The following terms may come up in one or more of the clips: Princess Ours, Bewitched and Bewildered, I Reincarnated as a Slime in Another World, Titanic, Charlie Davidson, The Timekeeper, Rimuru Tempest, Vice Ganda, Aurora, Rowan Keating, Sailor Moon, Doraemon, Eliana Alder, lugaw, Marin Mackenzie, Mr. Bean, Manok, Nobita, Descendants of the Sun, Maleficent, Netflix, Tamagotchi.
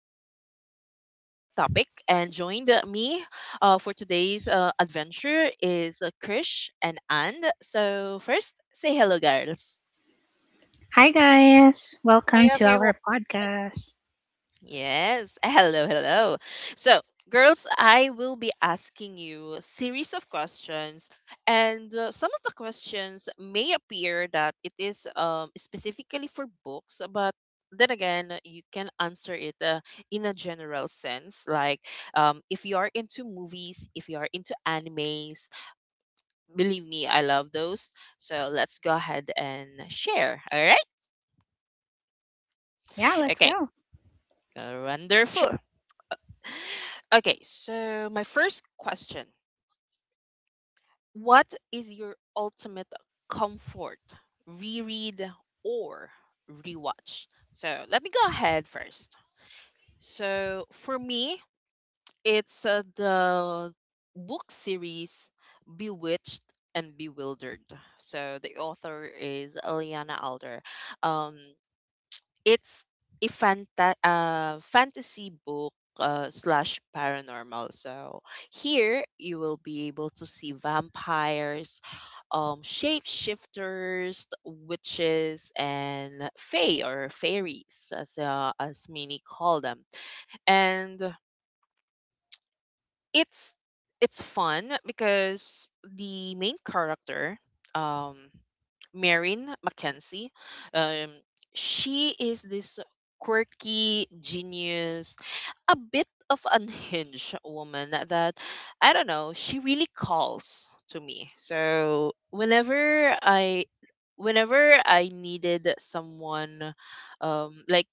So today, that will be our topic. And joined me for today's adventure is Krish and And. So first, say hello, girls. Hi, guys. Welcome Hi to our everyone. podcast. Yes. Hello, hello. So, girls, I will be asking you a series of questions, and some of the questions may appear that it is specifically for books, but then again, you can answer it in a general sense. Like, if you are into movies, if you are into animes, believe me, I love those. So let's go ahead and share. All right. Yeah, let's Okay. go. Wonderful. Okay, so my first question: what is your ultimate comfort reread or rewatch? So let me go ahead first. So for me, it's the book series Bewitched and Bewildered. So the author is Eliana Alder. Um, it's a fantasy book slash paranormal. So here you will be able to see vampires, shapeshifters, witches, and fae or fairies, as many call them. And it's it's fun because the main character, um, Marin Mackenzie, um, she is this quirky genius, a bit of unhinged woman that I don't know. She really calls to me. So whenever I needed someone, like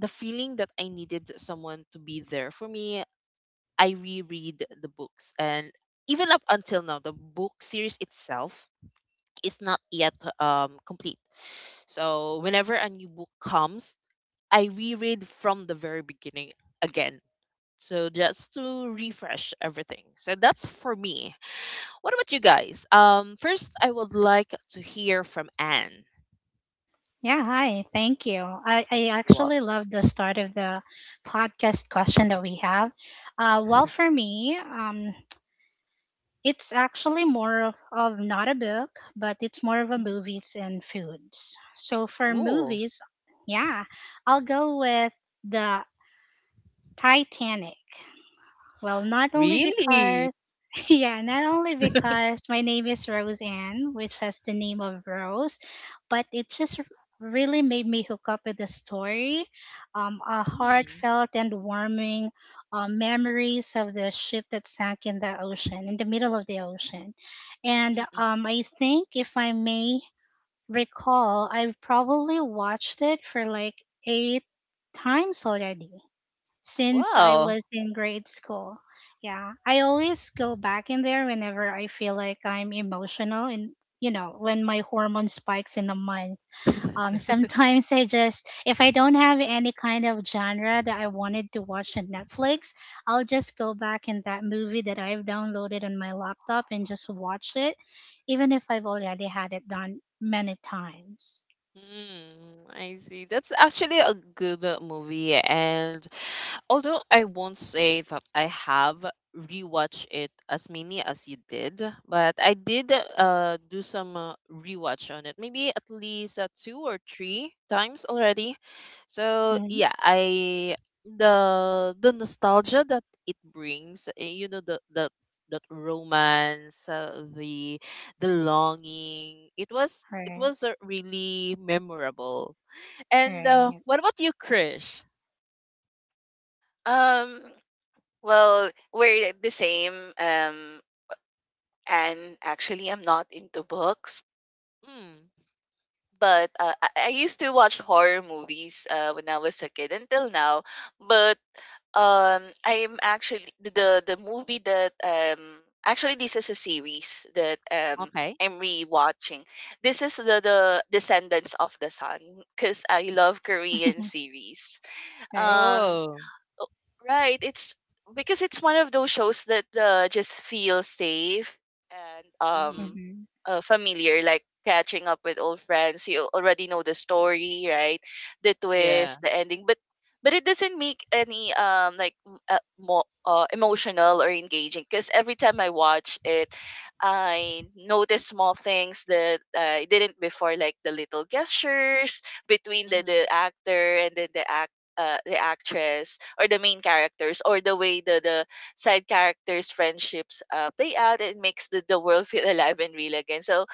the feeling that I needed someone to be there for me, I reread the books, and even up until now, the book series itself is not yet complete. So whenever a new book comes, I reread from the very beginning again. So just to refresh everything. So that's for me. What about you guys? First, I would like to hear from Anne. Yeah, hi. Thank you. I You all- actually love the start of the podcast question that we have. Well, for me, it's actually more of not a book, but it's more of a Mhm. movies and foods. So for Oh, movies, yeah, I'll go with the Titanic. Well, not only really? because, yeah, not only because my name is Roseanne, which has the name of Rose, but it just really made me hook up with the story. A Mm, heartfelt and warming memories of the ship that sank in the ocean, in the middle of the ocean. And mm-mm. I think, if I may recall, I've probably watched it for like 8 times already since I Wow. was in grade school. Yeah, I always go back in there whenever I feel like I'm emotional and you know when my hormone spikes in a month. Sometimes I just if I don't have any kind of genre that I wanted to watch on Netflix, I'll just go back in that movie that I've downloaded on my laptop and just watch it, even if I've already had it done many times. Mm, I see. That's actually a good movie, and although I won't say that I have rewatched it as many as you did, but I did do some rewatch on it, maybe at least two or three times already. So Mm-hmm. yeah, I the nostalgia that it brings, eh, you know, the that romance, the longing, it was it Right, was uh, really memorable. And right, yeah. what about you, Krish? Um, well, we're the same. And actually, I'm not into books, Mm, but I used to watch horror movies when I was a kid until now. But I'm actually the movie that actually this is a series that okay. I'm rewatching. This is the Descendants of the Sun because I love Korean series. Right. Um. Oh. Oh, right. It's because it's one of those shows that just feel safe and Mhm. Mm-hmm. Familiar, like catching up with old friends. You already know the story, right? The Yeah. twist, the ending, but it doesn't make any like more emotional or engaging, because every time I watch it, I notice small things that I didn't before, like the little gestures between the, Mhm. the actor and then the actress, or the main characters, or the way the side characters friendships play out. It makes the world feel alive and real again. So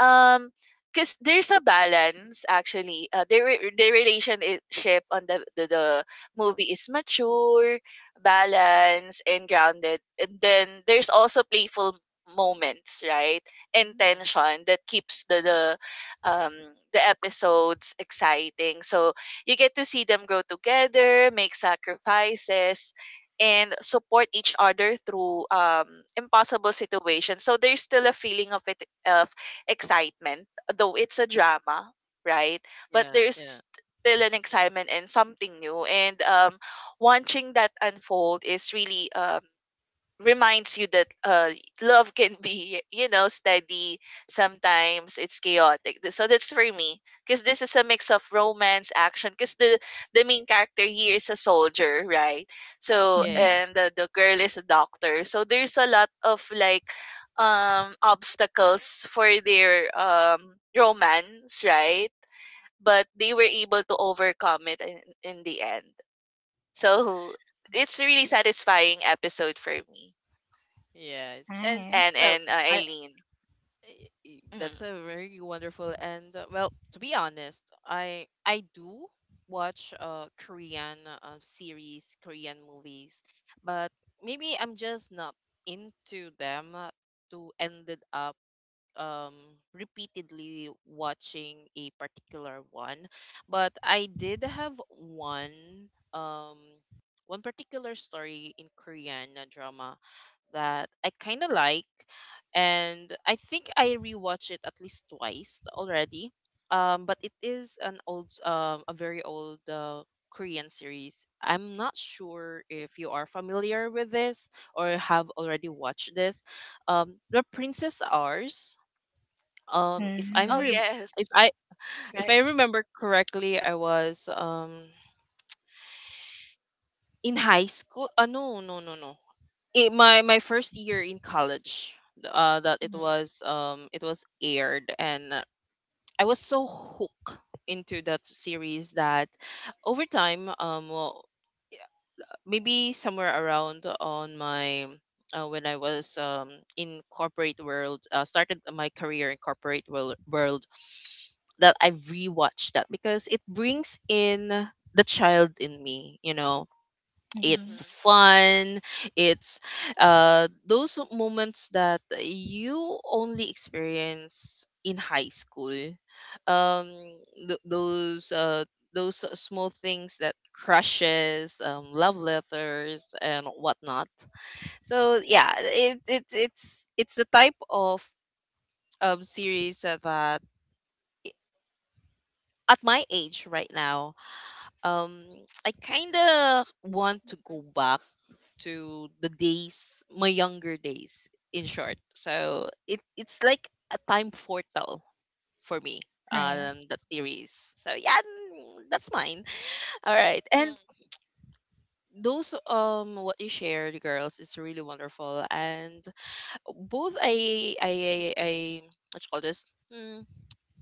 um because there's a balance, actually, the relationship on the movie is mature, balanced, and grounded, and then there's also playful moments, right? And Mhm. tension that keeps um the episodes exciting, so you get to see them grow together, make sacrifices, and support each other through impossible situations. So there's still a feeling of it, excitement, though it's a drama, right? But Yeah. there's Yeah. still an excitement and something new. And watching that unfold is really, reminds you that love can be, steady, sometimes it's chaotic. So that's for me, because this is a mix of romance action, because the main character here is a soldier, right? So, Mm-hmm. Yeah. and the girl is a doctor, so there's a lot of, like, obstacles for their romance, right? But they were able to overcome it in the end, so it's a really satisfying episode for me, Yeah. Yes. And and Nice. well, and uh, I Eileen. Hmm. that's a very wonderful and well, to be honest, I do watch Korean series, Korean movies, but maybe I'm just not into them to ended up um, repeatedly watching a particular one, but I did have one um, one particular story in Korean drama that I kind of like, and I think I rewatched it at least twice already. But it is an old, a very old Korean series. I'm not sure if you are familiar with this or have already watched this. Um, the Princess Ours. um if i'm Oh Mm-hmm. re- yes, if I right. remember correctly, I was in high school. No, no, no, no, my first year in college that Mm. It was aired, and I was so hooked into that series that over time, well, maybe somewhere around on my when I was in corporate world, started my career in corporate world, that I've rewatched that because it brings in the child in me, you know. Mm-hmm. It's Mhm. fun. It's Those moments that you only experience in high school. Um, th- those uh, those small things that crushes, love letters, and whatnot. So yeah, it's the type of series that at my age right now, um I kind of want to go Mm, back to the days, my younger days, in short. So it's like a time portal for me, Right. That series. So yeah, mm, that's mine. All right, and mm. those what you shared, girls, is really wonderful, and both I what you call this. Hmm,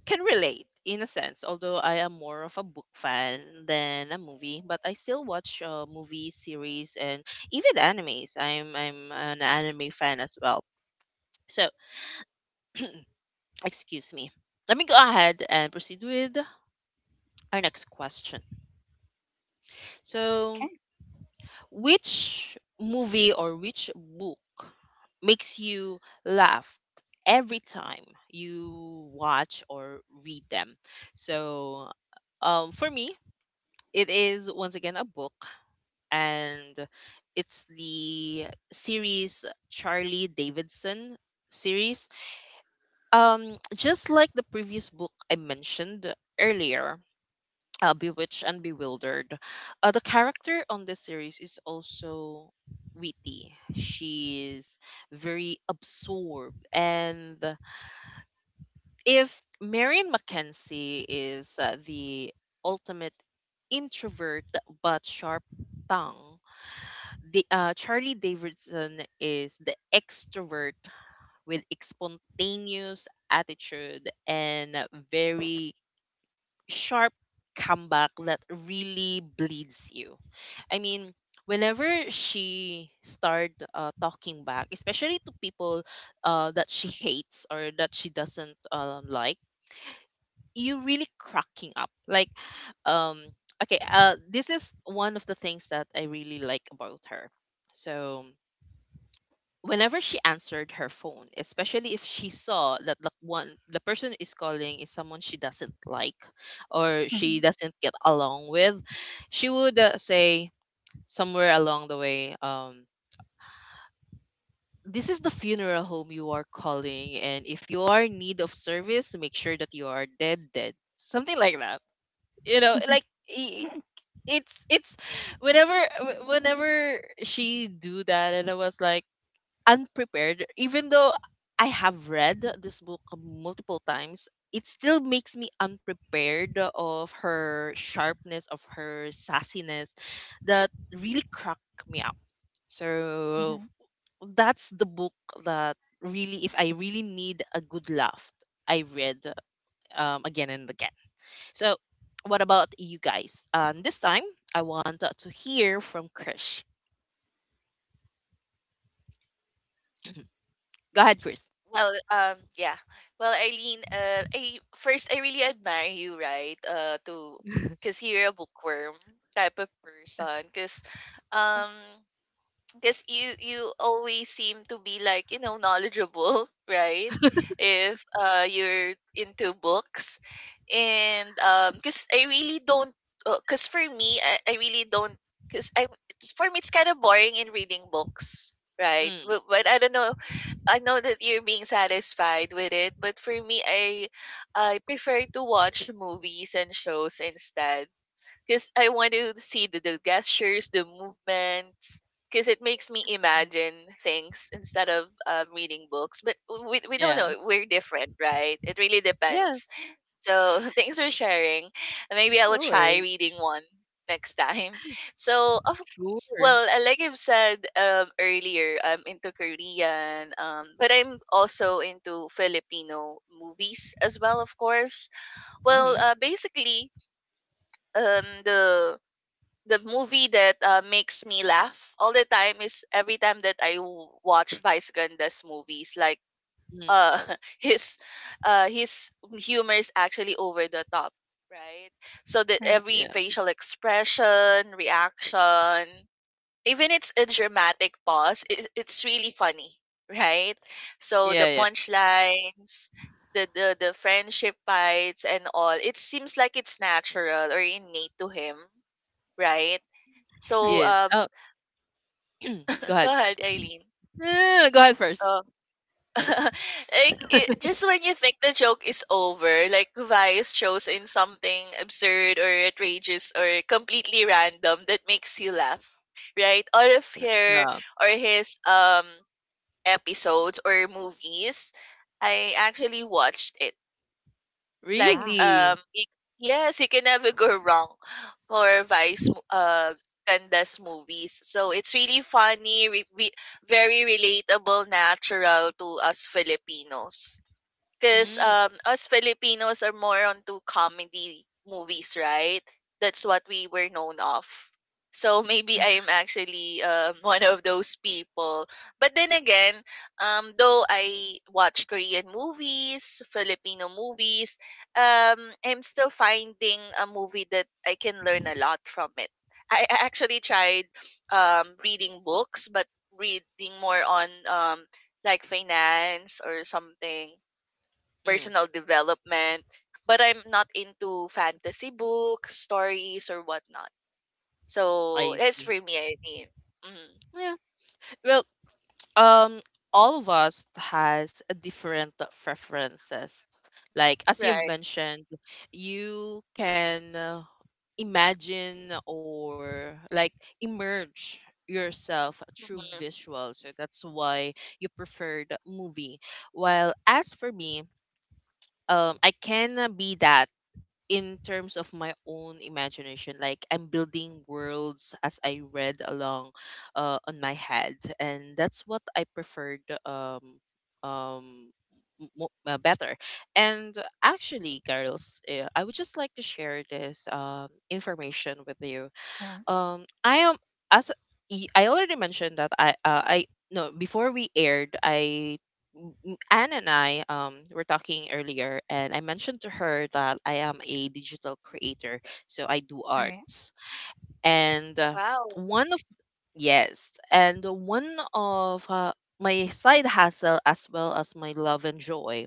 can relate in a sense, although I am more of a book fan than a movie, but I still watch movies, series, and even animes. I'm an anime fan as well. So, excuse me. Let me go ahead and proceed with our next question. So, Okay. which movie or which book makes you laugh every time you watch or read them? So, for me, it is once again a book, and it's the series Charlie Davidson series. Just like the previous book I mentioned earlier, Bewitched and Bewildered, the character on this series is also witty. She's very absorbed. And if Marion Mackenzie is the ultimate introvert but sharp tongue, the Charlie Davidson is the extrovert with a spontaneous attitude and a very sharp comeback that really bleeds you. I mean, whenever she started talking back, especially to people that she hates or that she doesn't like, you really cracking up. Like, um, okay, this is one of the things that I really like about her. So whenever she answered her phone, especially if she saw that like one the person is calling is someone she doesn't like or Mm-hmm. she doesn't get along with, she would say somewhere along the way, "This is the funeral home you are calling, and if you are in need of service, make sure that you are dead, dead." Something like that. You know, like. i- i- It's it's whenever she do that and I was like unprepared, even though I have read this book multiple times, it still makes me unprepared of her sharpness, of her sassiness that really cracked me up. Mm-hmm. So Hmm. that's the book that really, if I really need a good laugh, I read again and again. So, what about you guys? This time, I want to hear from Krish. Go ahead, Chris. Well, yeah. Well, Eileen, I really admire you, right? To Because you're a bookworm type of person. Um. Because you always seem to be, like, knowledgeable, right? If you're into books. And because I really don't, because for me, I really don't, because I it's, for me, it's kind of boring in reading books, right? Mm, But I don't know, I know that you're being satisfied with it, but for me, I prefer to watch movies and shows instead, because I want to see the gestures, the movements, because it makes me imagine things instead of reading books. But we don't yeah. know. We're different, right? It really Yeah, depends. So, thanks for sharing. And maybe I will no try worries. reading one next time. So, of Sure. well, like I've said, earlier, I'm into Korean, but I'm also into Filipino movies as well, of course. Well, Mhm. Basically, um the the movie that makes me laugh all the time is every time that watch Vice Ganda's movies. Like, Mm. uh, his, his humor is actually over the top, right? So that Right. every Yeah. facial expression, reaction, even it's a dramatic pause, it's really funny, right? So the Yeah. Yeah. punchlines. The friendship fights and all, it seems like it's natural or innate to him, right? Right. So, Yes. Oh, go ahead. go ahead, Eileen. No, no, no, go ahead first. Uh, like just when you think the joke is over, like Vice shows in something absurd or outrageous or completely random that makes you laugh, right? All of her Yeah. or his episodes or movies, I actually watched it. Like, Wow. Really? Yes, you can never go wrong for Candace movies. So it's really funny, very relatable, natural to us Filipinos. Because, Mm, us Filipinos are more onto comedy movies, right? That's what we were known of. So maybe I'm actually, one of those people. But then again, though I watch Korean movies, Filipino movies, I'm still finding a movie that I can learn a lot from it. I actually tried, reading books, but reading more on, like, finance or something, mm, personal development. But I'm not into fantasy books, stories, or whatnot. So I that's see. for me, I mean. Hmm. Yeah. Well, um, all of us has a different preferences. Like as you've Right. mentioned, you can imagine or like emerge yourself through Hmm. visuals. So that's why you preferred movie. While as for me, I can be that in terms of my own imagination, like I'm building worlds as I read along on my head, and that's what I preferred um better. And actually, girls, I would just like to share this information with you. Yeah. I am, as I already mentioned, that I no, before we aired, anne and I were talking earlier, and I mentioned to her that I am a digital creator, so I do Right. arts. And Wow. one of one of my side hustle, as well as my love and joy,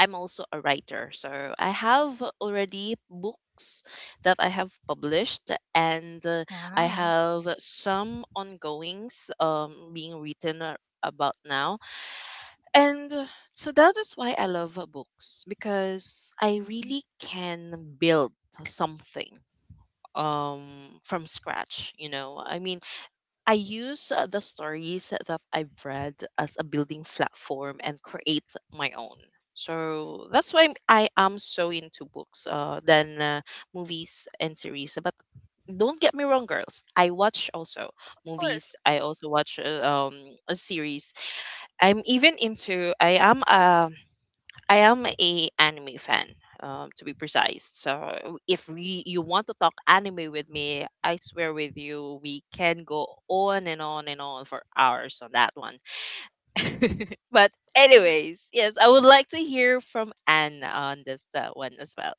I'm also a writer. So I have already books that I have published, and I Wow. have some ongoings being written about now. And so that is why I love books, because I Mhm. really can build something um from scratch, you know. I mean, I use the stories that I've read as a building platform and create my own. So that's why I am so into books than movies and series. But don't get me wrong, girls. I watch also Of movies. course. I also watch a series. I'm even into. I am a anime fan, to be precise. So if we you want to talk anime with me, I swear with you, we can go on and on and on for hours on that one. But anyways, yes, I would like to hear from Anne on this one as well.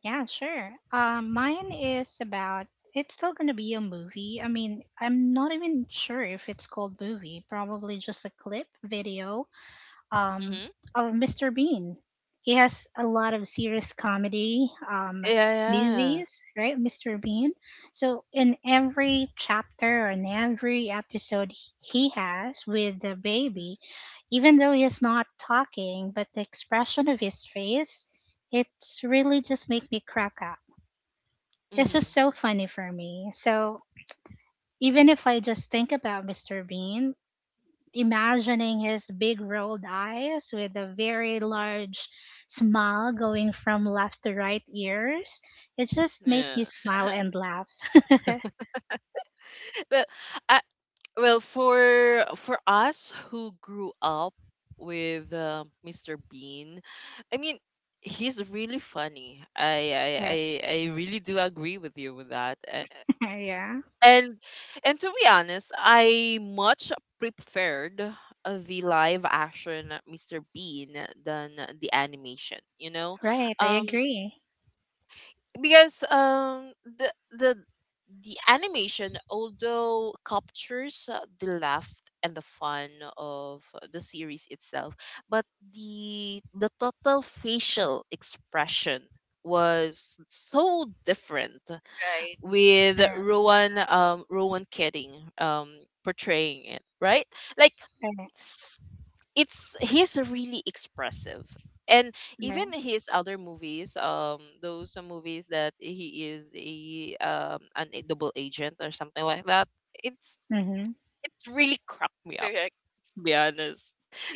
Yeah, sure. Mine is about. It's still gonna be a movie. I mean, I'm not even sure if it's called movie. Probably just a clip video um, Hmm of Mr. Bean. He has a lot of serious comedy Yeah. movies, right, Mr. Bean? So in every chapter and every episode he has with the baby, even though he's not talking, but the expression of his face, it's really just make me crack up. It's Mm-hmm. just so funny for me. So even if I just think about Mr. Bean, imagining his big rolled eyes with a very large smile going from left to right ears. It just make Yeah. me smile and laugh. But I, Well, for us who grew up with Mr. Bean, I mean, he's really funny. Right. I really do agree with you with that. A- Yeah. And and to be honest, I much preferred the live action Mr. Bean than the animation. Right. I um, agree. because the the the animation, although captures the laugh and the fun of the series itself, but the total facial expression was so different, Right. with Right. Rowan Rowan Keating um portraying it, right? Like Right. it's he's really expressive. And even his other movies, those movies that he is a an a double agent or something like that. It's Right. Mm-hmm. it's really cracked me up, Correct. to be honest.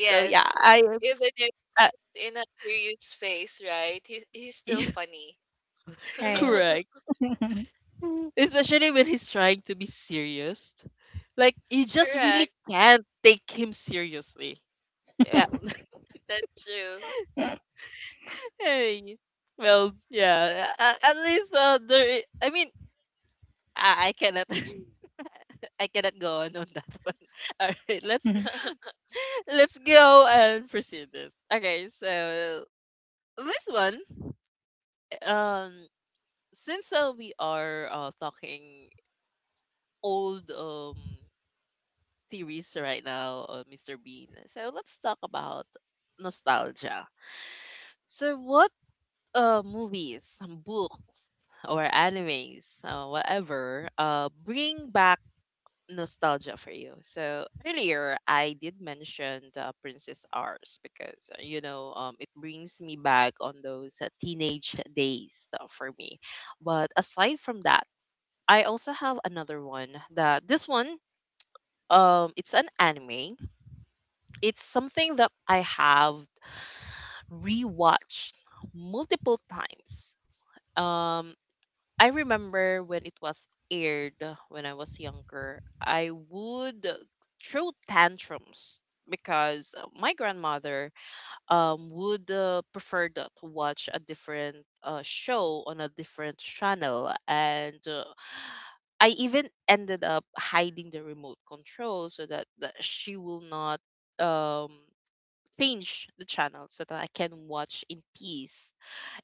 So yeah, I Even if uh, it's in a serious face, right? He's still yeah, funny. Right. correct, especially when he's trying to be serious, like you just really Correct. can't take him seriously. Yeah. That's true. Hey, well, yeah, at least, there I mean, I cannot I cannot go on that one. All right, let's go and proceed this. Okay, so this one, um, since we are talking old theories right now, Mr. Bean. So let's talk about nostalgia. So what movies, books, or animes, whatever, bring back nostalgia for you? So earlier I did mention the Princess Ours, because it brings me back on those teenage days, for me. But aside from that, I also have another one that, this one, it's an anime. It's something that I have rewatched multiple times. Um I remember when it was aired. When I was younger, I would throw tantrums because my grandmother would prefer to watch a different show on a different channel. And I even ended up hiding the remote control so that she will not um, change the channel, so that I can watch in peace.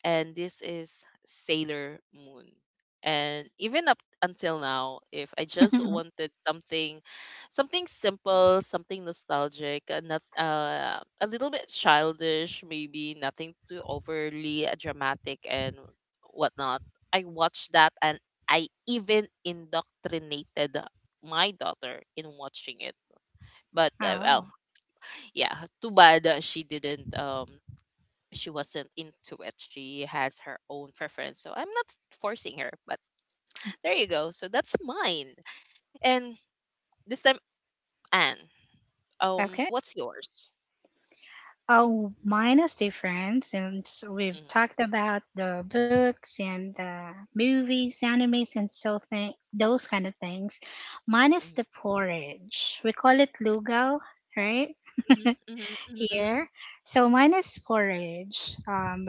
And this is Sailor Moon. And even up until now, if I just Mhm. wanted something, something simple, something nostalgic, not, a little bit childish, maybe nothing too overly dramatic and whatnot, I watched that. And I even indoctrinated my daughter in watching it. But well, Oh. yeah, too bad that she wasn't into it. She has her own preference. So I'm not forcing her, but there you go. So that's mine. And this time, Anne, Okay. what's yours? Oh, mine is different since we've talked about the books and the movies, animes, and so those kind of things. Mine is Mhm, the porridge. We call it lugaw, right? mhm, mhm, mhm, mhm, Here. So mine is porridge. Um,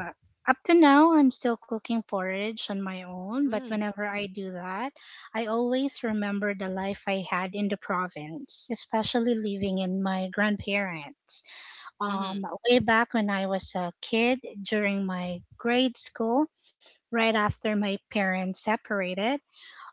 up to now, I'm still cooking porridge on my own, but whenever I do that, I always remember the life I had in the province, especially living in my grandparents mhm, way back when I was a kid during my grade school, right after my parents separated.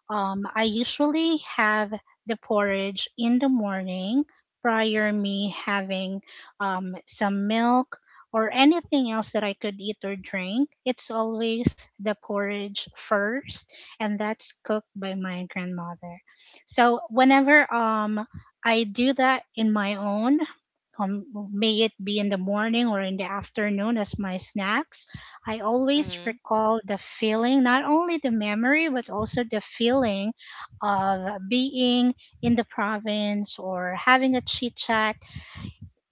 I usually have the porridge in the morning prior me having some milk or anything else that I could eat or drink. It's always the porridge first, and that's cooked by my grandmother. So whenever I do that in my own, um, may it be in the morning or in the afternoon as my snacks, I mhm, always mhm, recall the feeling, not only the memory, but also the feeling of being in the province or having a chit chat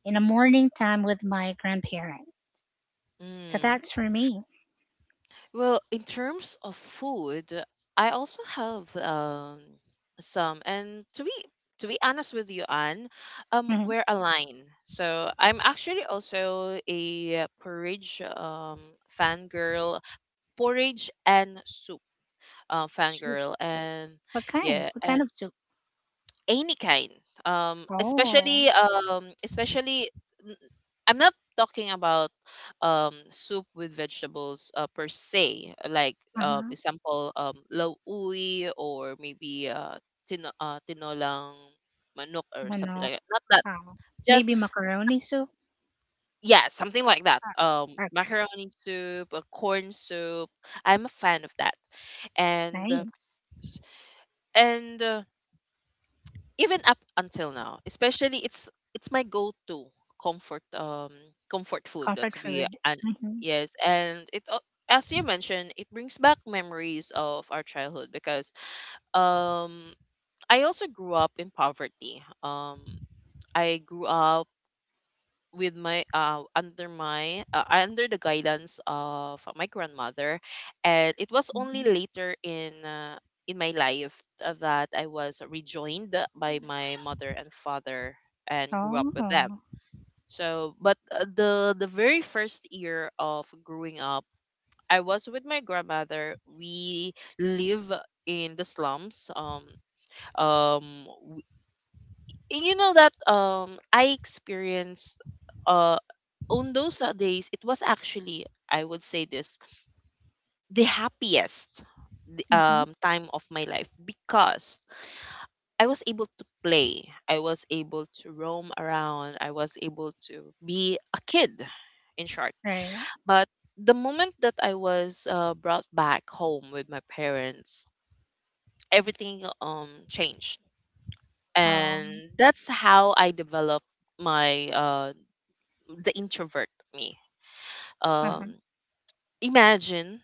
in the morning time with my grandparent. So mhm. that's for me. Well, in terms of food, I also have some, and to be honest with you, Anne, Mhm. we're aligned. So I'm actually also a porridge fangirl, porridge and soup, Soup. fangirl. And What kind? yeah, What and kind of soup? any kind. Um, Oh, especially um, n- I'm not talking about soup with vegetables, per se, like uh-huh. example, lauwi, or maybe tinolang manok or something Manok. like that. Not that, Oh. just, Maybe macaroni soup? yeah, something like that. Ah, okay, Macaroni soup, a corn soup. I'm a fan of that. and nice. and uh, even up until now, especially, it's my go-to comfort, comfort food, Comfort to be food. an Mm-hmm. yes, as you mentioned, it brings back memories of our childhood, because um I also grew up in poverty. I grew up with my under my under the guidance of my grandmother, and it was only Mm-hmm. later in my life, that I was rejoined by my mother and father, and grew up with them. Oh. So, but the very first year of growing up, I was with my grandmother. We live in the slums. Um you know that, I experienced, uh on those days, it was actually, I would say, this the happiest Mm-hmm. Time of my life, because I was able to play, I was able to roam around, I was able to be a kid, in short. Right. But the moment that I was brought back home with my parents, everything changed. And Um. that's how I developed my the introvert me. Um, Uh-huh. Imagine,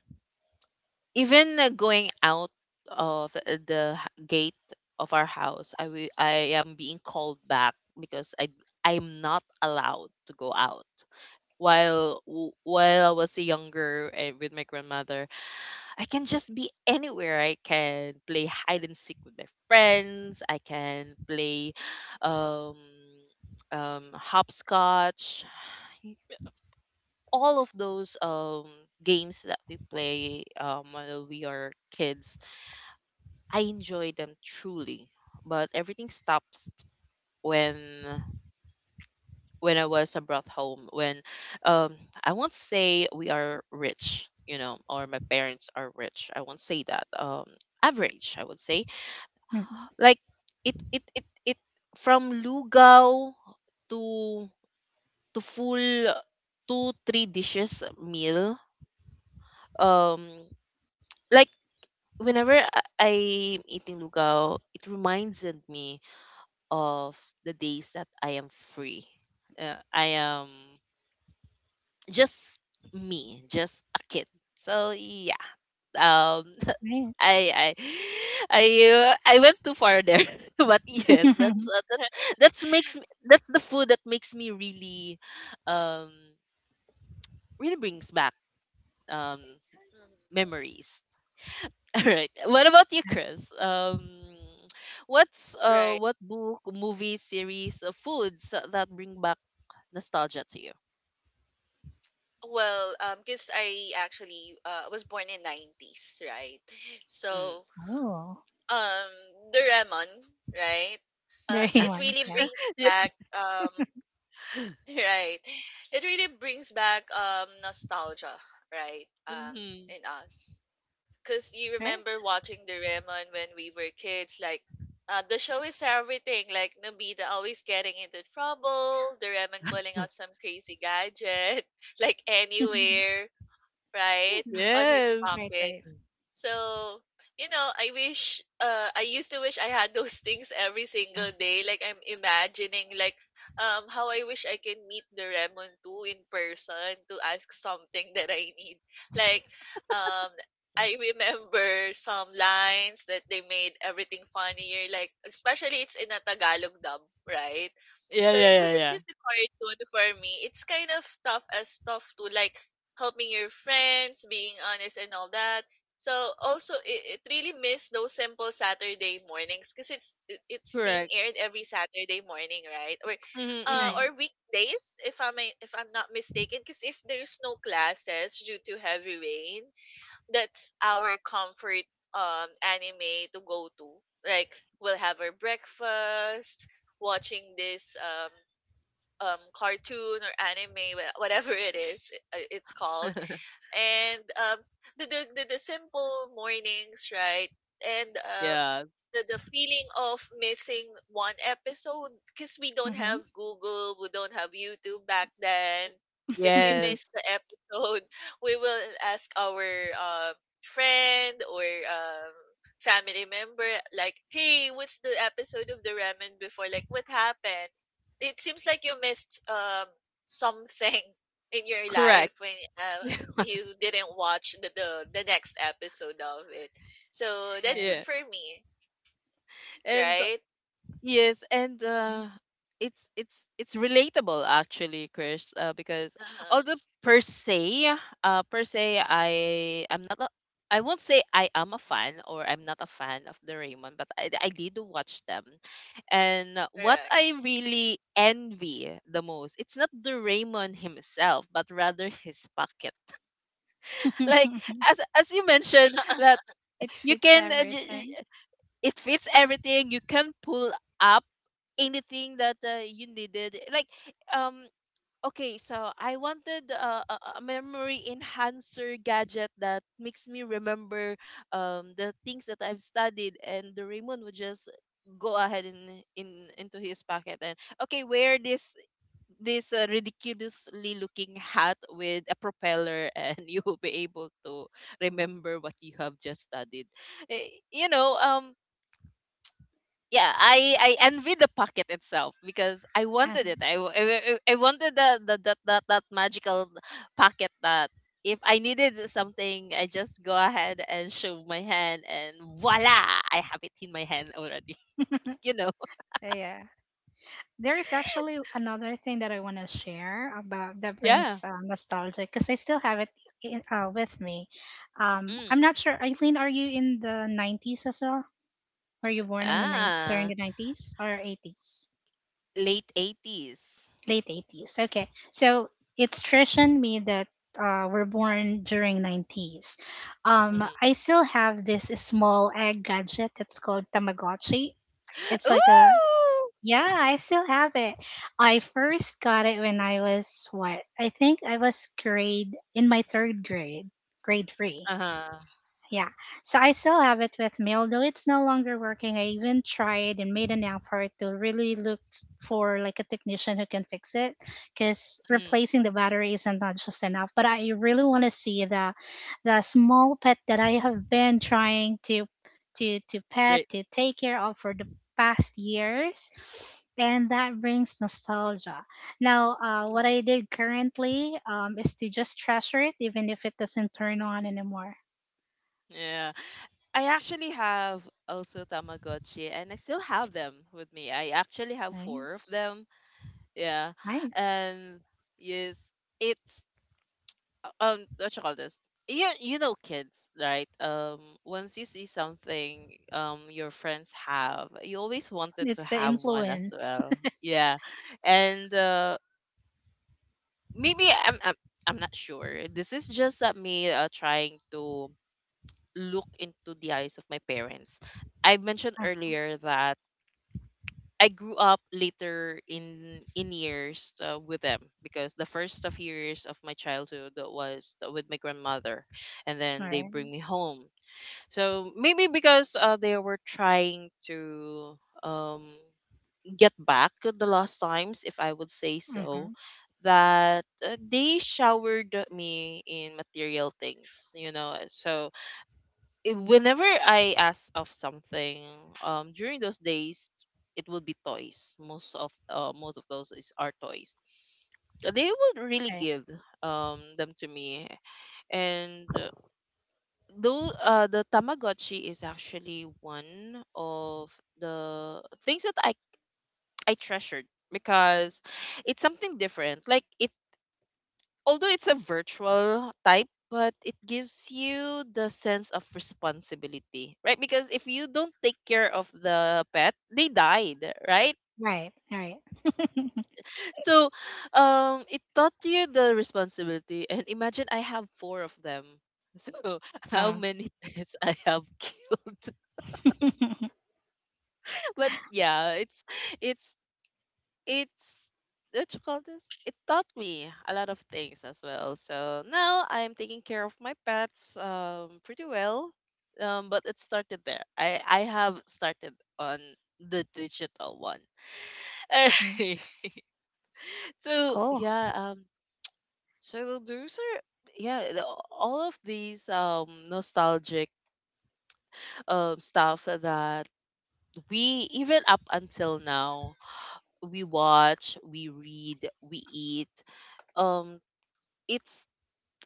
even going out of the gate of our house, I am being called back because I'm not allowed to go out. While I was younger and with my grandmother, I can just be anywhere. I can play hide and seek with my friends. I can play um, hopscotch, all of those games that we play while we are kids. I enjoy them truly. But everything stops when when I was brought home, when, um I won't say we are rich, you know, or my parents are rich. I won't say that. Average, I would say. Mm-hmm. Like, it from lugao to, full two three dishes meal, um like whenever I'm eating lugaw, it reminds me of the days that I am free. I am just me, just a kid. So yeah, um, Nice. I I I I went too far there, but yes, that's makes me, that's the food that makes me really, um, really brings back um Mhm. memories. All right. What about you, Chris? Right. What book, movie, series, foods that bring back nostalgia to you? Well, because I actually was born in 90s, right? Mm. So Oh. um Doraemon, right? It Doraemon. really Yeah. brings Ye- back, right. It really brings back nostalgia, right? Um hmm. in us. Cause you Right. remember watching Doraemon when we were kids, like, the show is everything. Like Nobita always getting into trouble, Doraemon pulling out some crazy gadget, like anywhere, right, Right. on his Yes. Right. pocket. Right. So, I used to wish I had those things every single day. Like I'm imagining like, how I wish I can meet the Remon too in person to ask something that I need. Like, um I remember some lines that they made everything funnier, like especially it's in a Tagalog dub, right? Yeah, So it yeah, yeah, wasn't yeah. just a cartoon for me. It's kind of tough, as tough to like helping your friends, being honest, and all that. So also, it really missed those simple Saturday mornings, because it's being Correct. aired every Saturday morning, right? Or uh Mm-hmm. Right. or weekdays, if I'm not mistaken, because if there's no classes due to heavy rain, that's our comfort, anime to go to. Like we'll have our breakfast watching this, cartoon or anime, whatever it is, it's called. And the simple mornings, right, and Yeah. the feeling of missing one episode, because we don't Mm-hmm. have Google, we don't have YouTube back then. If we miss Yes. the episode, we will ask our, uh, friend or family member, like, hey, what's the episode of the ramen before, like, what happened? It seems like you missed, something in your Correct. life when you didn't watch the next episode of it. So that's it Yeah. Right. for me, And right? yes, and it's relatable, actually, Chris, because, Uh-huh. although per se, I am not a, I won't say I am a fan or I'm not a fan of the Raymond, but I did watch them. And what Correct. I really envy the most, it's not the Raymond himself, but rather his pocket. Like, as you mentioned that It you fits can, everything. it fits everything. You can pull up anything that you needed, like, um okay, so I wanted a memory enhancer gadget that makes me remember the things that I've studied. And the Raymond would just go ahead in into his pocket, and, okay, wear this ridiculously looking hat with a propeller, and you will be able to remember what you have just studied. Eh, you know, yeah, I envy the pocket itself, because I Uh, wanted it. I wanted the that, that magical pocket, that if I needed something, I just go ahead and show my hand, and voila, I have it in my hand already. You know. yeah. There is actually another thing that I want to share about that Yeah. brings nostalgia because I still have it in, with me. I'm Mm. not sure, Eileen, are you in the 90s as well? Were you born in the nine during Ah, the 90s or 80s? late 80s. Late 80s. Okay. So it's tradition me that were born during 90s. I Mm-hmm. still have this small egg gadget that's called Tamagotchi. It's like a Ooh. yeah, I still have it. I first got it when I was what? I think I was grade in my third grade, grade three. Uh-huh. Yeah. So I still have it with me, although it's no longer working. I even tried and made an effort to really look for like a technician who can fix it because Mm. replacing the battery isn't not just enough. But I really want to see the small pet that I have been trying to to to pet Right. to take care of for the past years and that brings nostalgia. Now, what Mm. I did currently is to just treasure it, even if it doesn't turn on anymore. Yeah. I actually have also Tamagotchi, and I still have them with me. I actually have four of Nice. them. Yeah. Nice. And yes, it's, what you call this? You know kids, right? Once you see something your friends have, you always wanted to It's the have one as influence. well. Yeah. And maybe I'm not sure. This is just me trying to look into the eyes of my parents. I mentioned Ah, earlier that I grew up later in years, with them, because the first of years of my childhood was with my grandmother, and then all they right. bring me home. So maybe, because they were trying to, um, get back the last times, if I would say so, Mm-hmm. that they showered me in material things, you know. So, whenever I ask of something, during those days, it will be toys. Most of those is are toys. They would really Right. give them to me, and though the Tamagotchi is actually one of the things that I treasured, because it's something different. Like it Although it's a virtual type, but it gives you the sense of responsibility, right? Because if you don't take care of the pet, they died, right? Right. All right. So, it taught you the responsibility. And imagine, I have four of them. So how Uh, many pets I have killed? But yeah, it's it's, what you call this? It taught me a lot of things as well. So now I'm taking care of my pets pretty well. But it started there. I have started on the digital one. mm, Alright. So cool. yeah, so those are, yeah, all of these nostalgic stuff that we, even up until now, we watch, we read, we eat. Um, it's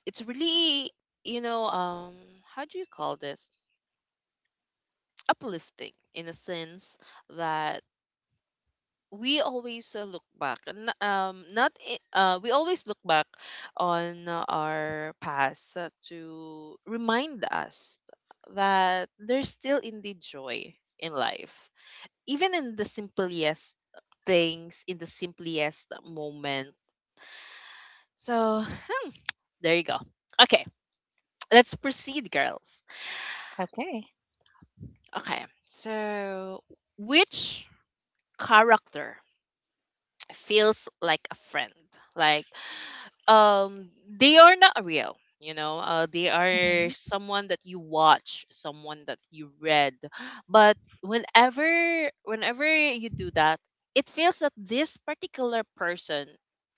it's really, you know, how do you call this? Uplifting, in a sense, that we always look back, and, n- not I- we always look back on our past, to remind us that there's still indeed joy in life, even in the simplest things, in the simplest moment. So, hmm, there you go. Okay. Let's proceed, girls. Okay. Okay, so which character feels like a friend? Like, um, they are not real, you know, they are Hmm. someone that you watch, someone that you read. But whenever you do that, it feels that this particular person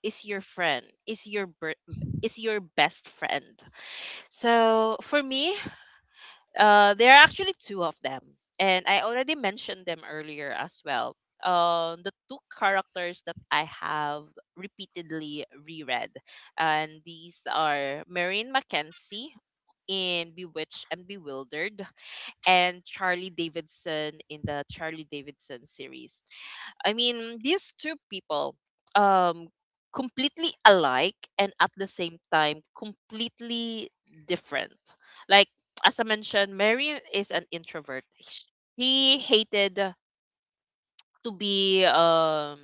is your friend, is your best friend. So for me, there are actually two of them, and I already mentioned them earlier as well. The two characters that I have repeatedly reread, and these are Maureen Mackenzie in Bewitched and Bewildered, and Charlie Davidson in the Charlie Davidson series. I mean, these two people, um, completely alike, and at the same time, completely different. Like as I mentioned, Mary is an introvert. She hated to be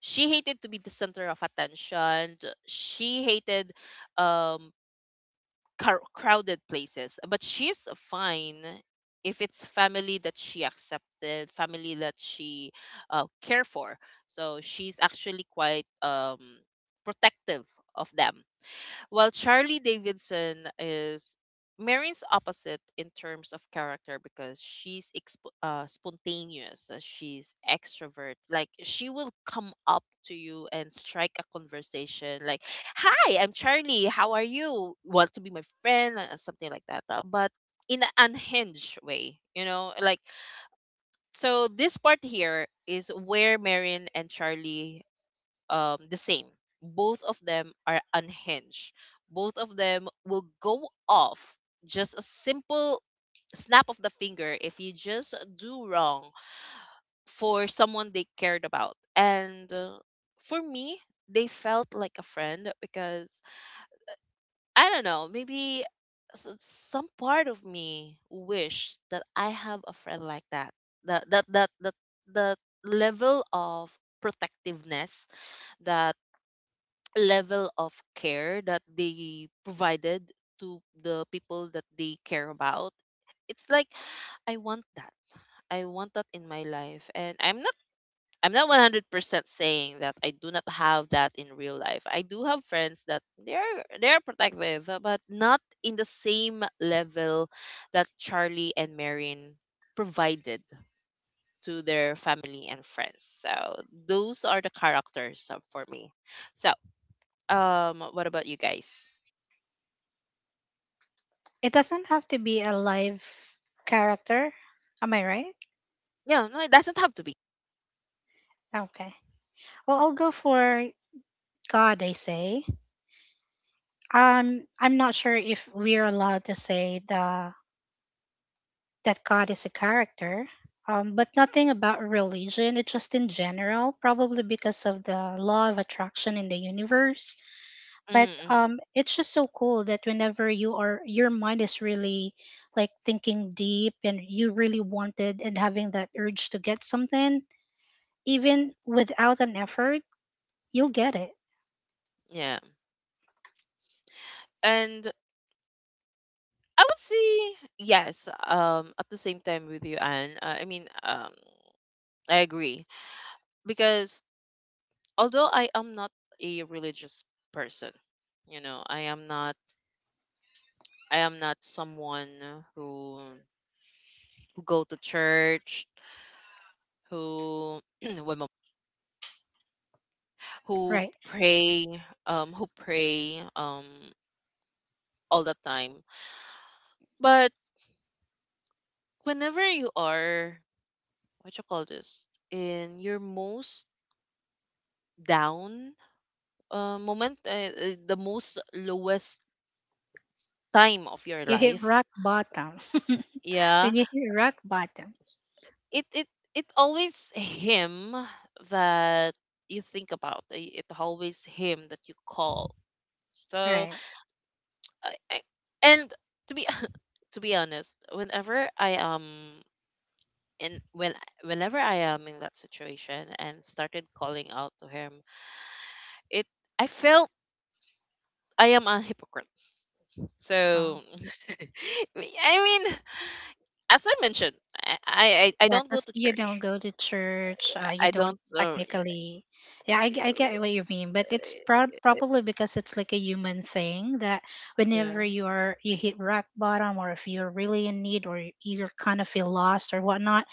she hated to be the center of attention. She hated um crowded places. But she's fine if it's family that she accepted, family that she care for. So she's actually quite protective of them. While Charlie Davidson is Marin's opposite in terms of character because she's spontaneous, she's extrovert. Like she will come up to you and strike a conversation like, "Hi, I'm Charlie. How are you? Want to be my friend?" Something like that. But in an unhinged way, you know, This part here is where Marin and Charlie the same. Both of them are unhinged. Both of them will go off just a simple snap of the finger if you just do wrong for someone they cared about. And for me, they felt like a friend because I don't know, maybe some part of me wish that I have a friend like that. That that that that that level of protectiveness that. Level of care that they provided to the people that they care about it's like I want that. I want that in my life, and I'm not 100% saying that I do not have that in real life. I do have friends that they're protective, but not in the same level that Charlie and Marin provided to their family and friends. So those are the characters, for me. So, what about you guys? It doesn't have to be a live character. Am I right? Yeah, no, it doesn't have to be. Okay. Well, I'll go for God, I say. I'm not sure if we're allowed to say the that God is a character, but nothing about religion. It's just in general, probably because of the law of attraction in the universe. Hmm, But hmm. It's just so cool that whenever you are, your mind is really like thinking deep and you really wanted and having that urge to get something, even without an effort, you'll get it, Yeah, and I would say yes. At the same time with you, Anne. I mean, I agree because although I am not a religious person, you know, I am not. I am not someone who who go to church, who one moment, who right? pray, who pray, all the time. But whenever you are what you call this in your most down moment, the most lowest time of your You hit life. rock bottom. Yeah. When you hit rock bottom, It it always him that you think about. It always him that you call. So right? I, and to be to be honest, whenever I am in when whenever I am in that situation and started calling out to him, it I felt I am a hypocrite. um, So I mean, as I mentioned, I Yeah, don't go because to you don't church. go to church, you I don't don't. Yeah. technically. Yeah, I get what you mean, but it's prob uh, probably because it's like a human thing that whenever Yeah. you are you hit rock bottom, or if you're really in need, or you kind of feel lost or whatnot,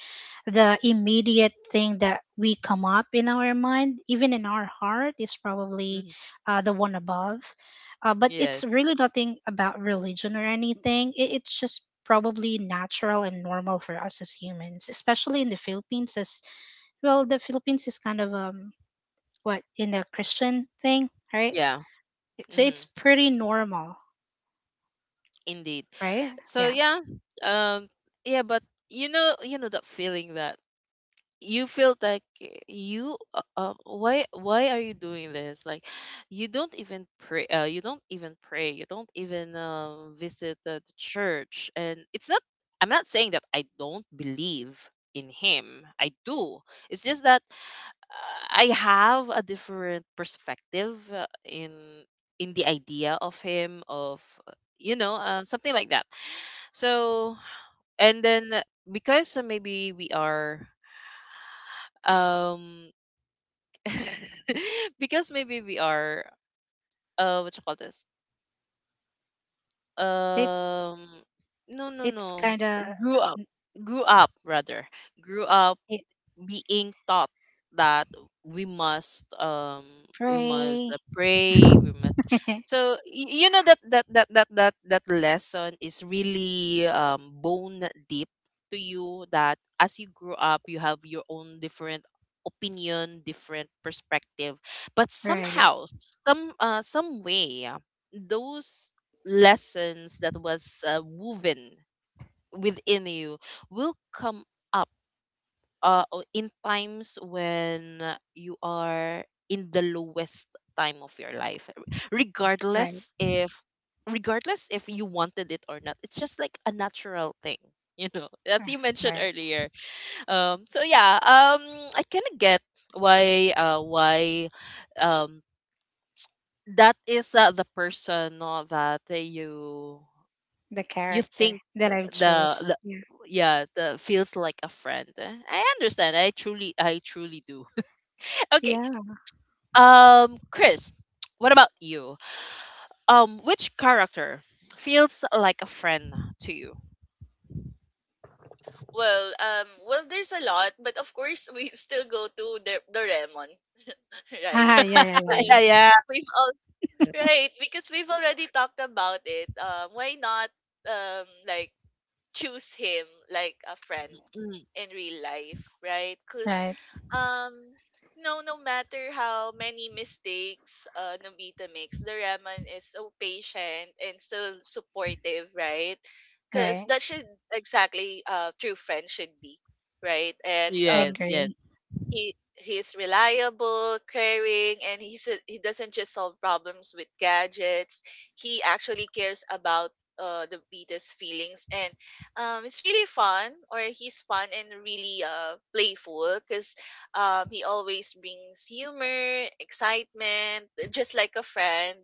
the immediate thing that we come up in our mind, even in our heart, is probably Mhm. The one above. But Yes. it's really nothing about religion or anything. It's just probably natural and normal for us as humans, especially in the Philippines, as well, the Philippines is kind of what in a Christian thing, right? Yeah. So Hmm. it's pretty normal, Indeed. right? So Yeah, yeah. Um. Yeah, but you know that feeling that you feel like you why are you doing this like you don't even pray. You don't even pray. You don't even visit the church. And it's not. I'm not saying that I don't believe in him. I do. It's just that, I have a different perspective, in the idea of him, of uh, you know, something like that. So and then because maybe we are um because maybe we are, what you call this, it um no, no, it's no, kind of grew up grew up rather grew up it being taught that we must, we must, pray, pray. We must. So you know that lesson is really, um, bone deep to you. That as you grow up, you have your own different opinion, different perspective. But right, somehow, some way, those lessons that was, woven within you will come up in times when you are in the lowest time of your life. Right, Regardless if regardless if you wanted it or not, it's just like a natural thing, you know, as you mentioned right. earlier. So yeah. I kind of get why, why um that is, the person, no, that, you The you character think that I've the, chose. the. Yeah. Yeah, the feels like a friend. Eh, I understand. I truly do. Okay. Yeah. Chris, what about you? Which character feels like a friend to you? Well, well, there's a lot, but of course we still go to the Doraemon, right? Ah, yeah, yeah, yeah, The- yeah. Yeah, yeah. We've all right, because we've already talked about it. Why not, like, choose him like a friend Mm, in real life, right? Because, Right. um no matter how many mistakes Nobita makes, Doraemon is so patient and still supportive, right? Because Right. that should, exactly, true friends should be, right? And I um yes, yes. agree. he's reliable, caring, and he doesn't just solve problems with gadgets. He actually cares about, the beta's feelings, and it's really fun, or he's fun and really, playful, because he always brings humor, excitement, just like a friend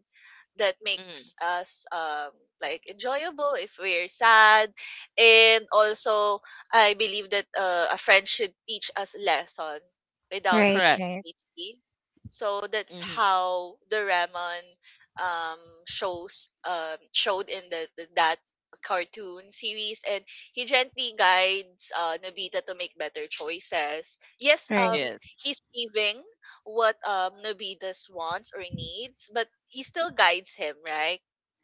that Mm, makes us, like, enjoyable if we're sad. And also, I believe that a friend should teach us lesson without Right, being correct. right, preachy. So that's Hmm. how the Doraemon, um, shows showed in the that cartoon series, and he gently guides Nobita to make better choices. Yes, right, Yes, he's giving what, Nobita's wants or needs, but he still guides him, right?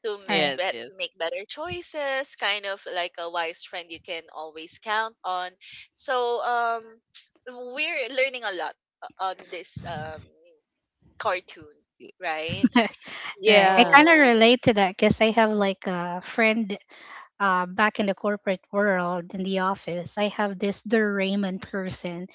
To m- right. yes, bet- yes. make better choices, kind of like a wise friend you can always count on. So, we're learning a lot on this cartoon, y- right? right. I Yeah. kind of So, relate to that because I have like a friend back in the corporate world in the office I have this Raymond person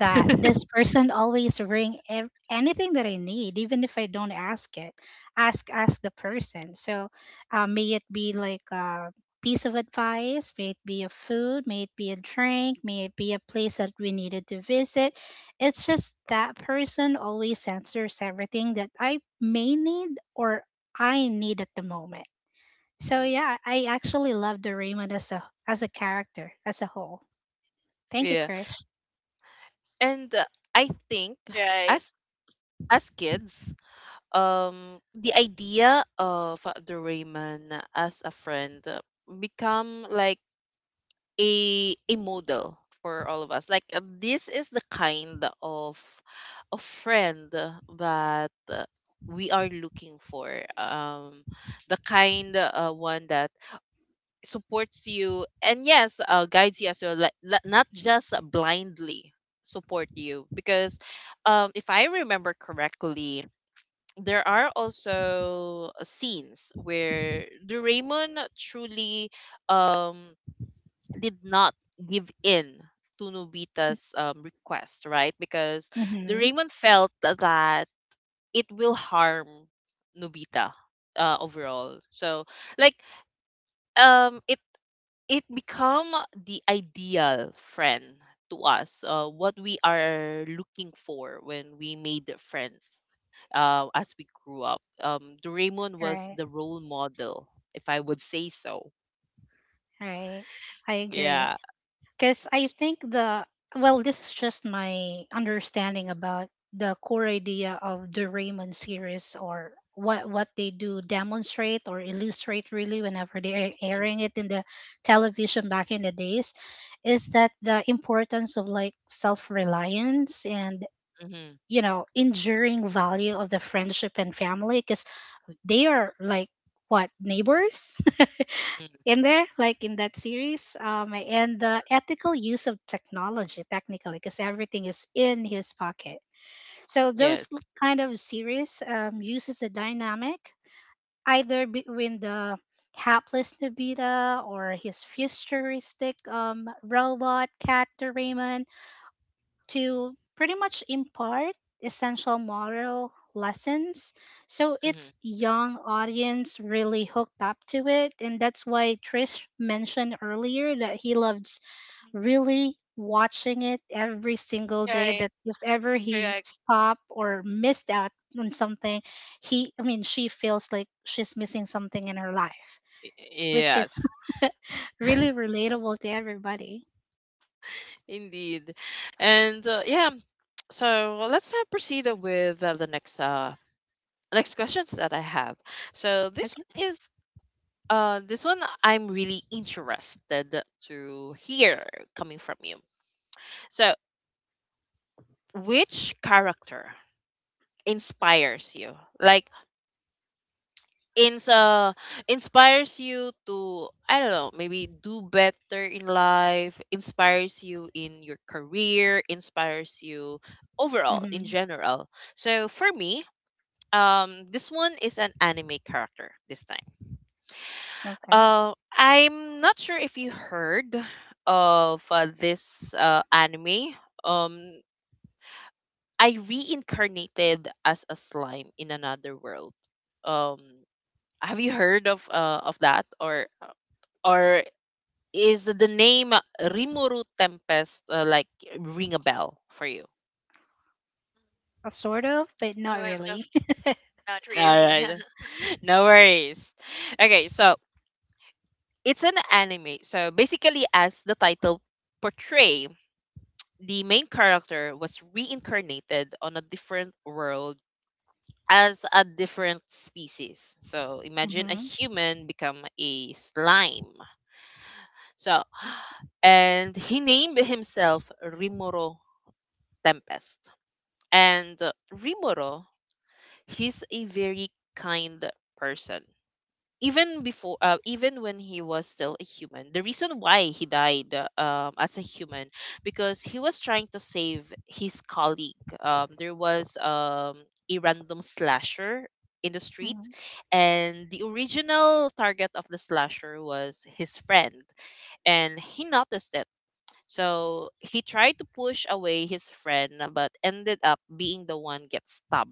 that this person always bring anything that I need even if I don't ask it ask the person. So may it be like a piece of advice, may it be a food, may it be a drink, may it be a place that we needed to visit, it's just that person always answers everything that I may need or I need at the moment. So Mm, yeah, I actually love Doraemon as a character as a whole. Thank you, yeah. Krish. And, I think right, as as kids, the idea of, the Rayman as a friend, become like a model for all of us. Like, this is the kind of a friend that, we are looking for. Um, the kind, one that supports you and yes, guides you as well. Like not just blindly support you because, if I remember correctly. There are also scenes where the Raymond truly, um did not give in to Nobita's, request, right? Because Mm-hmm. Doraemon felt that it will harm Nobita, overall. So, like, um, it it become the ideal friend to us. What we are looking for when we made the friends. As we grew up, Doraemon was Right, the role model, if I would say so. right. I agree. Yeah. Because I think the well, this is just my understanding about the core idea of the Raymond series or what they do demonstrate or illustrate really whenever they are airing it in the television back in the days is that the importance of like self-reliance and Mm-hmm. you know enduring value of the friendship and family because they are like what neighbors Mm-hmm. in there like in that series and the ethical use of technology technically because everything is in his pocket. So Yes. those kind of series uses a dynamic either between the hapless Nobita or his futuristic robot cat Doraemon to pretty much impart essential moral lessons. So its Mm-hmm. young audience really hooked up to it. And that's why Trish mentioned earlier that he loves really watching it every single day right, that if ever he correct. stopped or missed out on something he, I mean, she feels like she's missing something in her life, which is Yes, really relatable to everybody. indeed. And yeah, so let's, proceed with, the next next questions that I have. So this Okay. one is, this one I'm really interested to hear coming from you. So which character Mm. inspires you? Like ins uh, inspires you to I don't know, maybe do better in life, inspires you in your career, inspires you overall in Hmm. general. So for me, this one is an anime character this time. Okay. I'm not sure if you heard of, this, anime. Um, I reincarnated as a slime in another world. Um, have you heard of, of that, or is the name Rimuru Tempest, like ring a bell for you? Sort of, but No, not I'm not, really. not All really. right. No worries. Okay, so it's an anime. So basically, as the title portray, the main character was reincarnated on a different world as a different species. So imagine a Mhm, human become a slime. So and he named himself Rimuru Tempest. And, Rimuro, he's a very kind person even before, even when he was still a human. The reason why he died, as a human, because he was trying to save his colleague. Um, there was, a random slasher in the street, mhm, and the original target of the slasher was his friend, and he noticed it. So he tried to push away his friend, but ended up being the one get stabbed,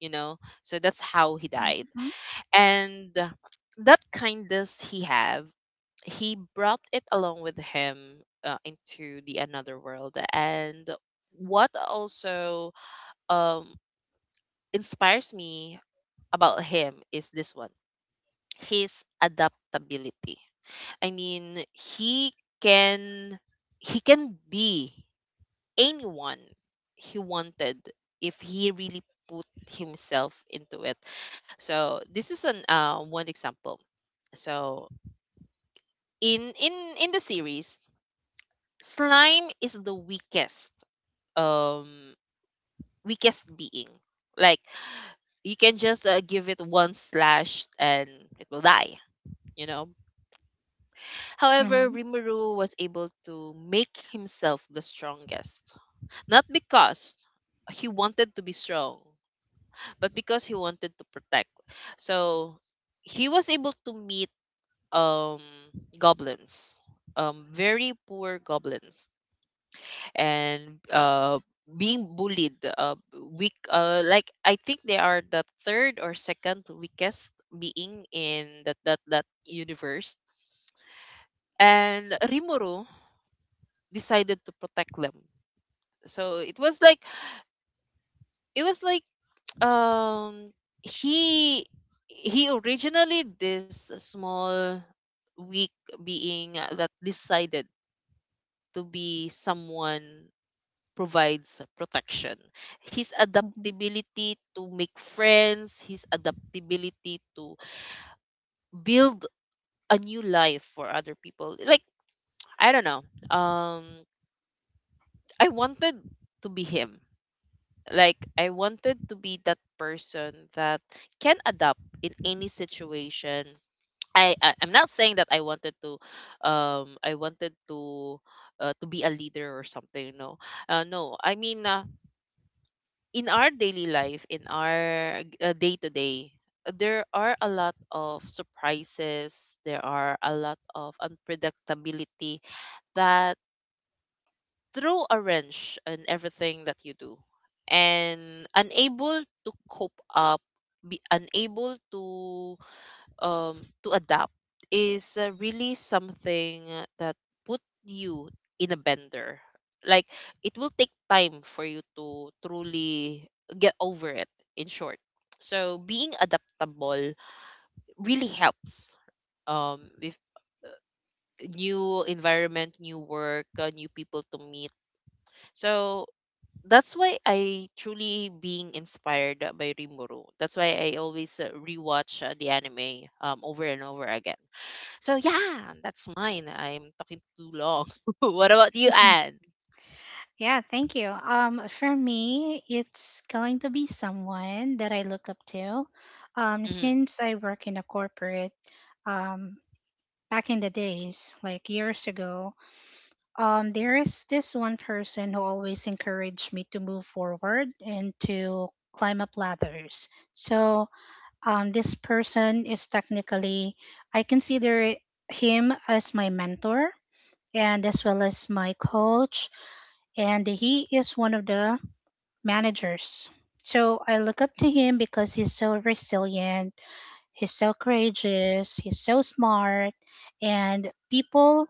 you know. So that's how he died. mhm, And that kindness he have, he brought it along with him, into the another world. And what also, um inspires me about him is this one, his adaptability. I mean, he can, he can be anyone he wanted, if he really put himself into it. So this is an, one example. So in in in the series, slime is the weakest, um weakest being. Like you can just, give it one slash and it will die. You know. However, mhm, Rimuru was able to make himself the strongest. Not because he wanted to be strong, but because he wanted to protect. So he was able to meet, um goblins, um, very poor goblins, and, uh being bullied, weak, like I think they are the third or second weakest being in that universe. And Rimuru decided to protect them. So it was like um, he he originally this small weak being that decided to be someone provides protection. His mhm. adaptability to make friends, his adaptability to build a new life for other people. Like, I don't know. Um, I wanted to be him. Like, I wanted to be that person that can adapt in any situation. I'm not saying that I wanted to be a leader or something. No, no. I mean, in our daily life, in our, day-to-day, there are a lot of surprises, there are a lot of unpredictability that throw a wrench in everything that you do. And unable to cope up, be unable to, um, to adapt is, really something that put you in a bender. Like it will take time for you to truly get over it. In short, so being adaptable really helps. If new environment, new work, new people to meet. So that's why I truly being inspired by Rimuru. That's why I always, rewatch, the anime, over and over again. So yeah, that's mine. I'm talking too long. What about you, Anne? Yeah, thank you. For me, it's going to be someone that I look up to. Um, Mm-hmm, since I work in a corporate, um, back in the days, like years ago, there is this one person who always encouraged me to move forward and to climb up ladders. So, this person is technically, I consider him as my mentor and as well as my coach. And he is one of the managers. So I look up to him because he's so resilient. He's so courageous, he's so smart, and people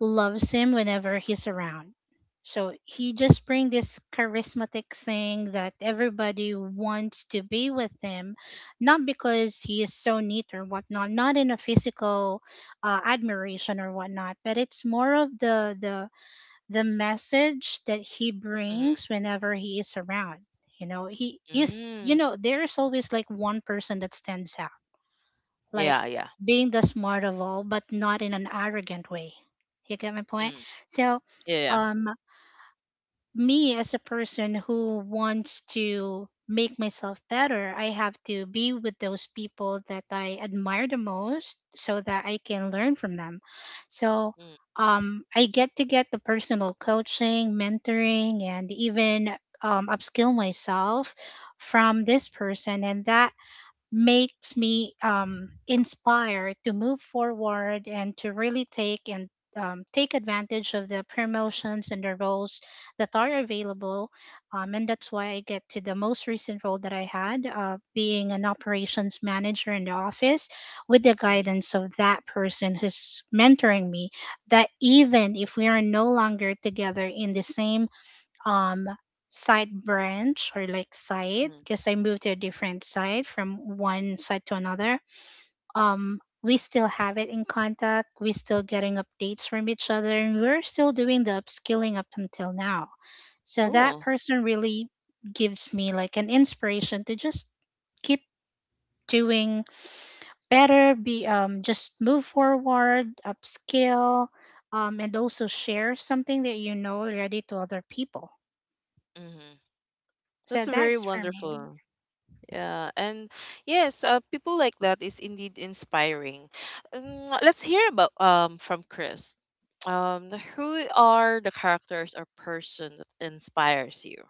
loves him whenever he's around. So he just bring this charismatic thing that everybody wants to be with him, not because he is so neat or whatnot, not in a physical admiration or whatnot, but it's more of the message that he brings mm-hmm, whenever he is around. You know, he is. You mm. know, there is always like one person that stands out like Yeah, yeah. being the smart of all, but not in an arrogant way. You get my point? Mm, So, yeah, yeah. um, me as a person who wants to make myself better, I have to be with those people that I admire the most so that I can learn from them. So, Mm, I get to get the personal coaching, mentoring, and even upskill myself from this person, and that makes me inspired to move forward and to really take and take advantage of the promotions and the roles that are available. And that's why I get to the most recent role that I had, being an operations manager in the office, with the mm-hmm, guidance of that person who's mentoring me. That even if we are no longer together in the same um side branch or like side mm-hmm. because I moved to a different side from one side to another. We still have it in contact, we still getting updates from each other and we're still doing the upskilling up until now. So that Oh, person really gives me like an inspiration to just keep doing better, be just move forward, upskill, and also share something that you know already to other people. mm-hmm. That's So very that's for wonderful. me. Yeah, and yes, people like that is indeed inspiring. Let's hear about, from Chris. Who are the characters or person that inspires you?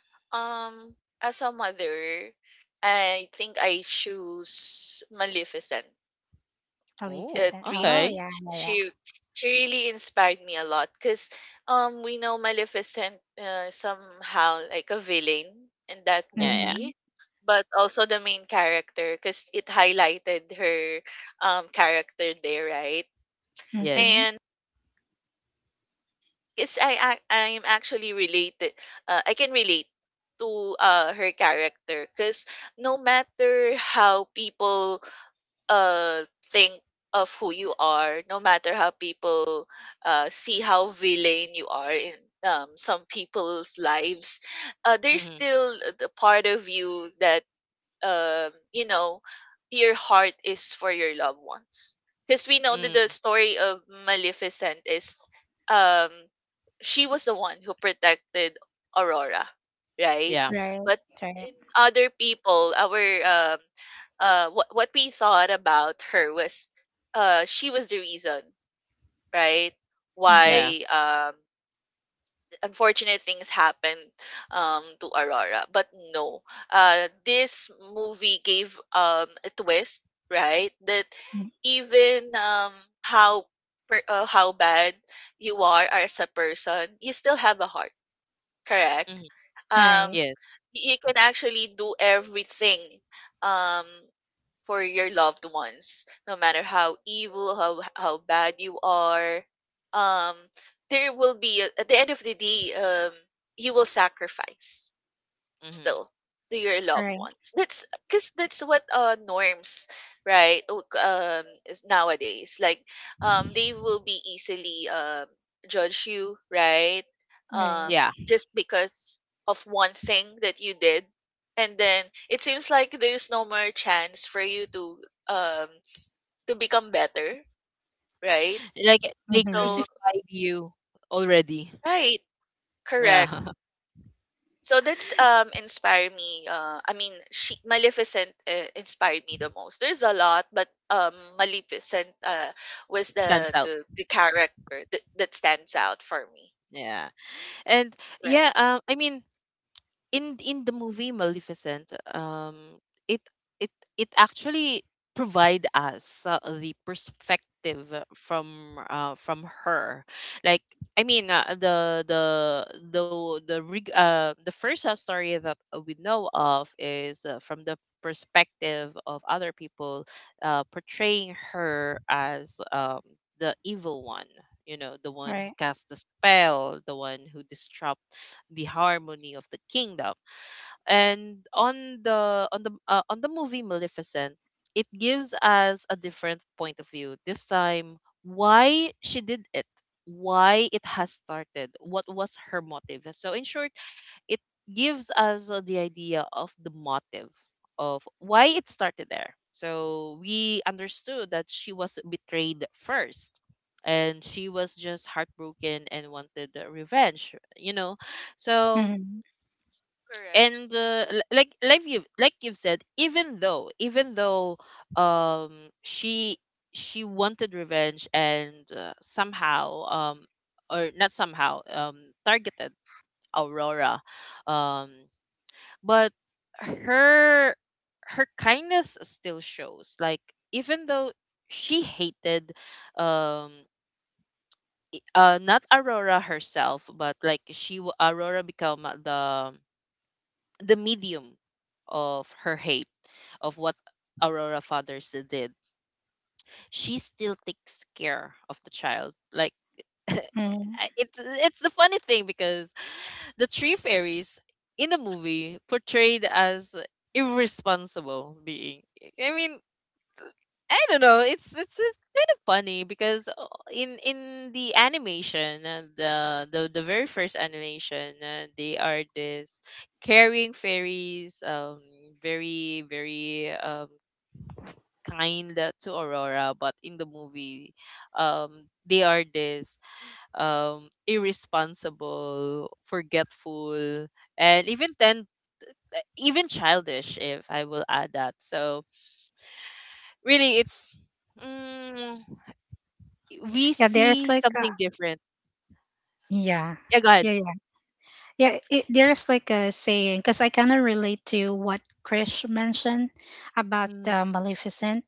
um, as a mother, I think I choose Maleficent. Alicia Oh, It said, "Oh really okay. yeah, yeah, yeah. she she really inspired me a lot, because we know Maleficent, somehow like a villain in that Yeah, yeah. Mhm, movie, but also the main character because it highlighted her character there, right? Yes. mhm. And because I can relate to her character, because no matter how people uh think of who you are, no matter how people see how villain you are in some people's lives, there's Mm-hmm. still the part of you that, um you know your heart is for your loved ones. Because we know that the Mm, story of Maleficent is, um she was the one who protected Aurora, right? yeah. Right, But right. in other people, our um, what we thought about her was, she was the reason, right? Mhm. Yeah. Why, unfortunate things happened, to Aurora. But no, this movie gave, a twist, right? That Mm, even, how how bad you are as a person, you still have a heart. Correct. Hmm. Um, right, Yes. You can actually do everything, um, for your loved ones, no matter how evil, how bad you are. Um, there will be at the end of the day, you will sacrifice Hmm. still to your loved right, ones. That's because that's what, norms, right? Is nowadays like, they will be easily, judge you, right? right. Um, Yeah. just because of one thing that you did, and then it seems like there's no more chance for you to, um to become better, right? Like they Mhm, So, crucified you already. right, Yeah. correct. So that's, inspired me. I mean, she Maleficent, inspired me the most. There's a lot, but Maleficent, was Stands the out. the, the character that stands out for me. Yeah. And yeah, Right. I mean, in the movie Maleficent, it it it actually provide us, the perspective from, from her. Like I mean, the first, story that we know of is, from the perspective of other people, portraying her as, the evil one. You know, the one who right. cast the spell, the one who disrupt the harmony of the kingdom. And on the on the on the movie Maleficent, it gives us a different point of view. This time, why she did it, why it has started, what was her motive. So in short, it gives us, the idea of the motive of why it started there. So we understood that she was betrayed first and she was just heartbroken and wanted, revenge, you know. So Mhm, Correct. and, l- like you like you've said, even though even though, um she she wanted revenge and, somehow, or not somehow, targeted Aurora, um but her, her kindness still shows. Like even though she hated, um not Aurora herself, but like Aurora become the medium of her hate, of what Aurora Fathers did. She still takes care of the child. Like mhm. I- it's the funny thing because the three fairies in the movie portrayed as irresponsible being. I mean, I don't know. It's it's kind of funny because, in the animation, the very first animation, they are this caring fairies, very very, kind to Aurora. But in the movie, um, they are this, um, irresponsible, forgetful, and even then, even childish, if I will add that. So really, it's, mm, we Yeah, there's see like a something different. yeah, Yeah, go ahead. yeah, yeah, yeah. There's like a saying because I kind of relate to what Krish mentioned about Mm, Maleficent.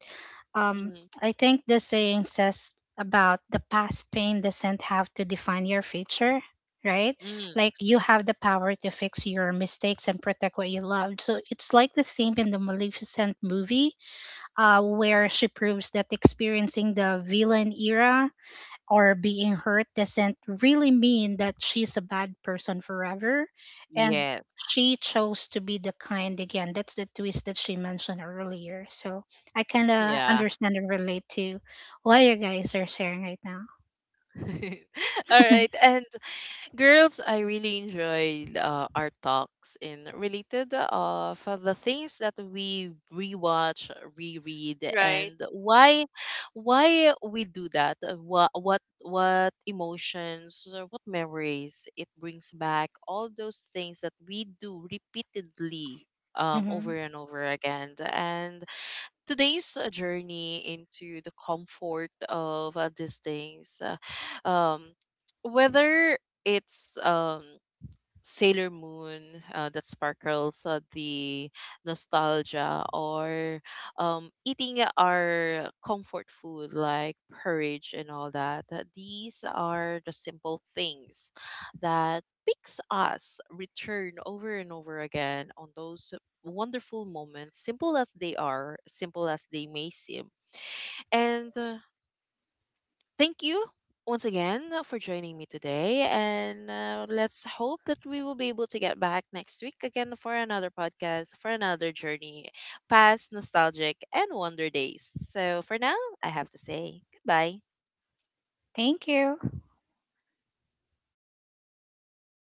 Um, mm, I think the saying says about the past pain doesn't have to define your future, right? mm. Like you have the power to fix your mistakes and protect what you loved. So it's like the same in the Maleficent movie, where she proves that experiencing the villain era or being hurt doesn't really mean that she's a bad person forever. And Yes. she chose to be the kind again. That's the twist that she mentioned earlier. So I kind of Yeah. understand and relate to what you guys are sharing right now. All right. And Girls, I really enjoyed, our talks and related of the things that we rewatch, reread, Right. and why we do that. What emotions, what memories it brings back. All those things that we do repeatedly, over Hmm. and over again, and today's, journey into the comfort of, these things. Whether it's, Sailor Moon, that sparkles, the nostalgia, or, eating our comfort food like porridge and all that. These are the simple things that makes us return over and over again on those wonderful moments, simple as they are, simple as they may seem. And, thank you once again for joining me today. And, let's hope that we will be able to get back next week again for another podcast, for another journey past nostalgic and wonder days. So for now, I have to say goodbye. Thank you.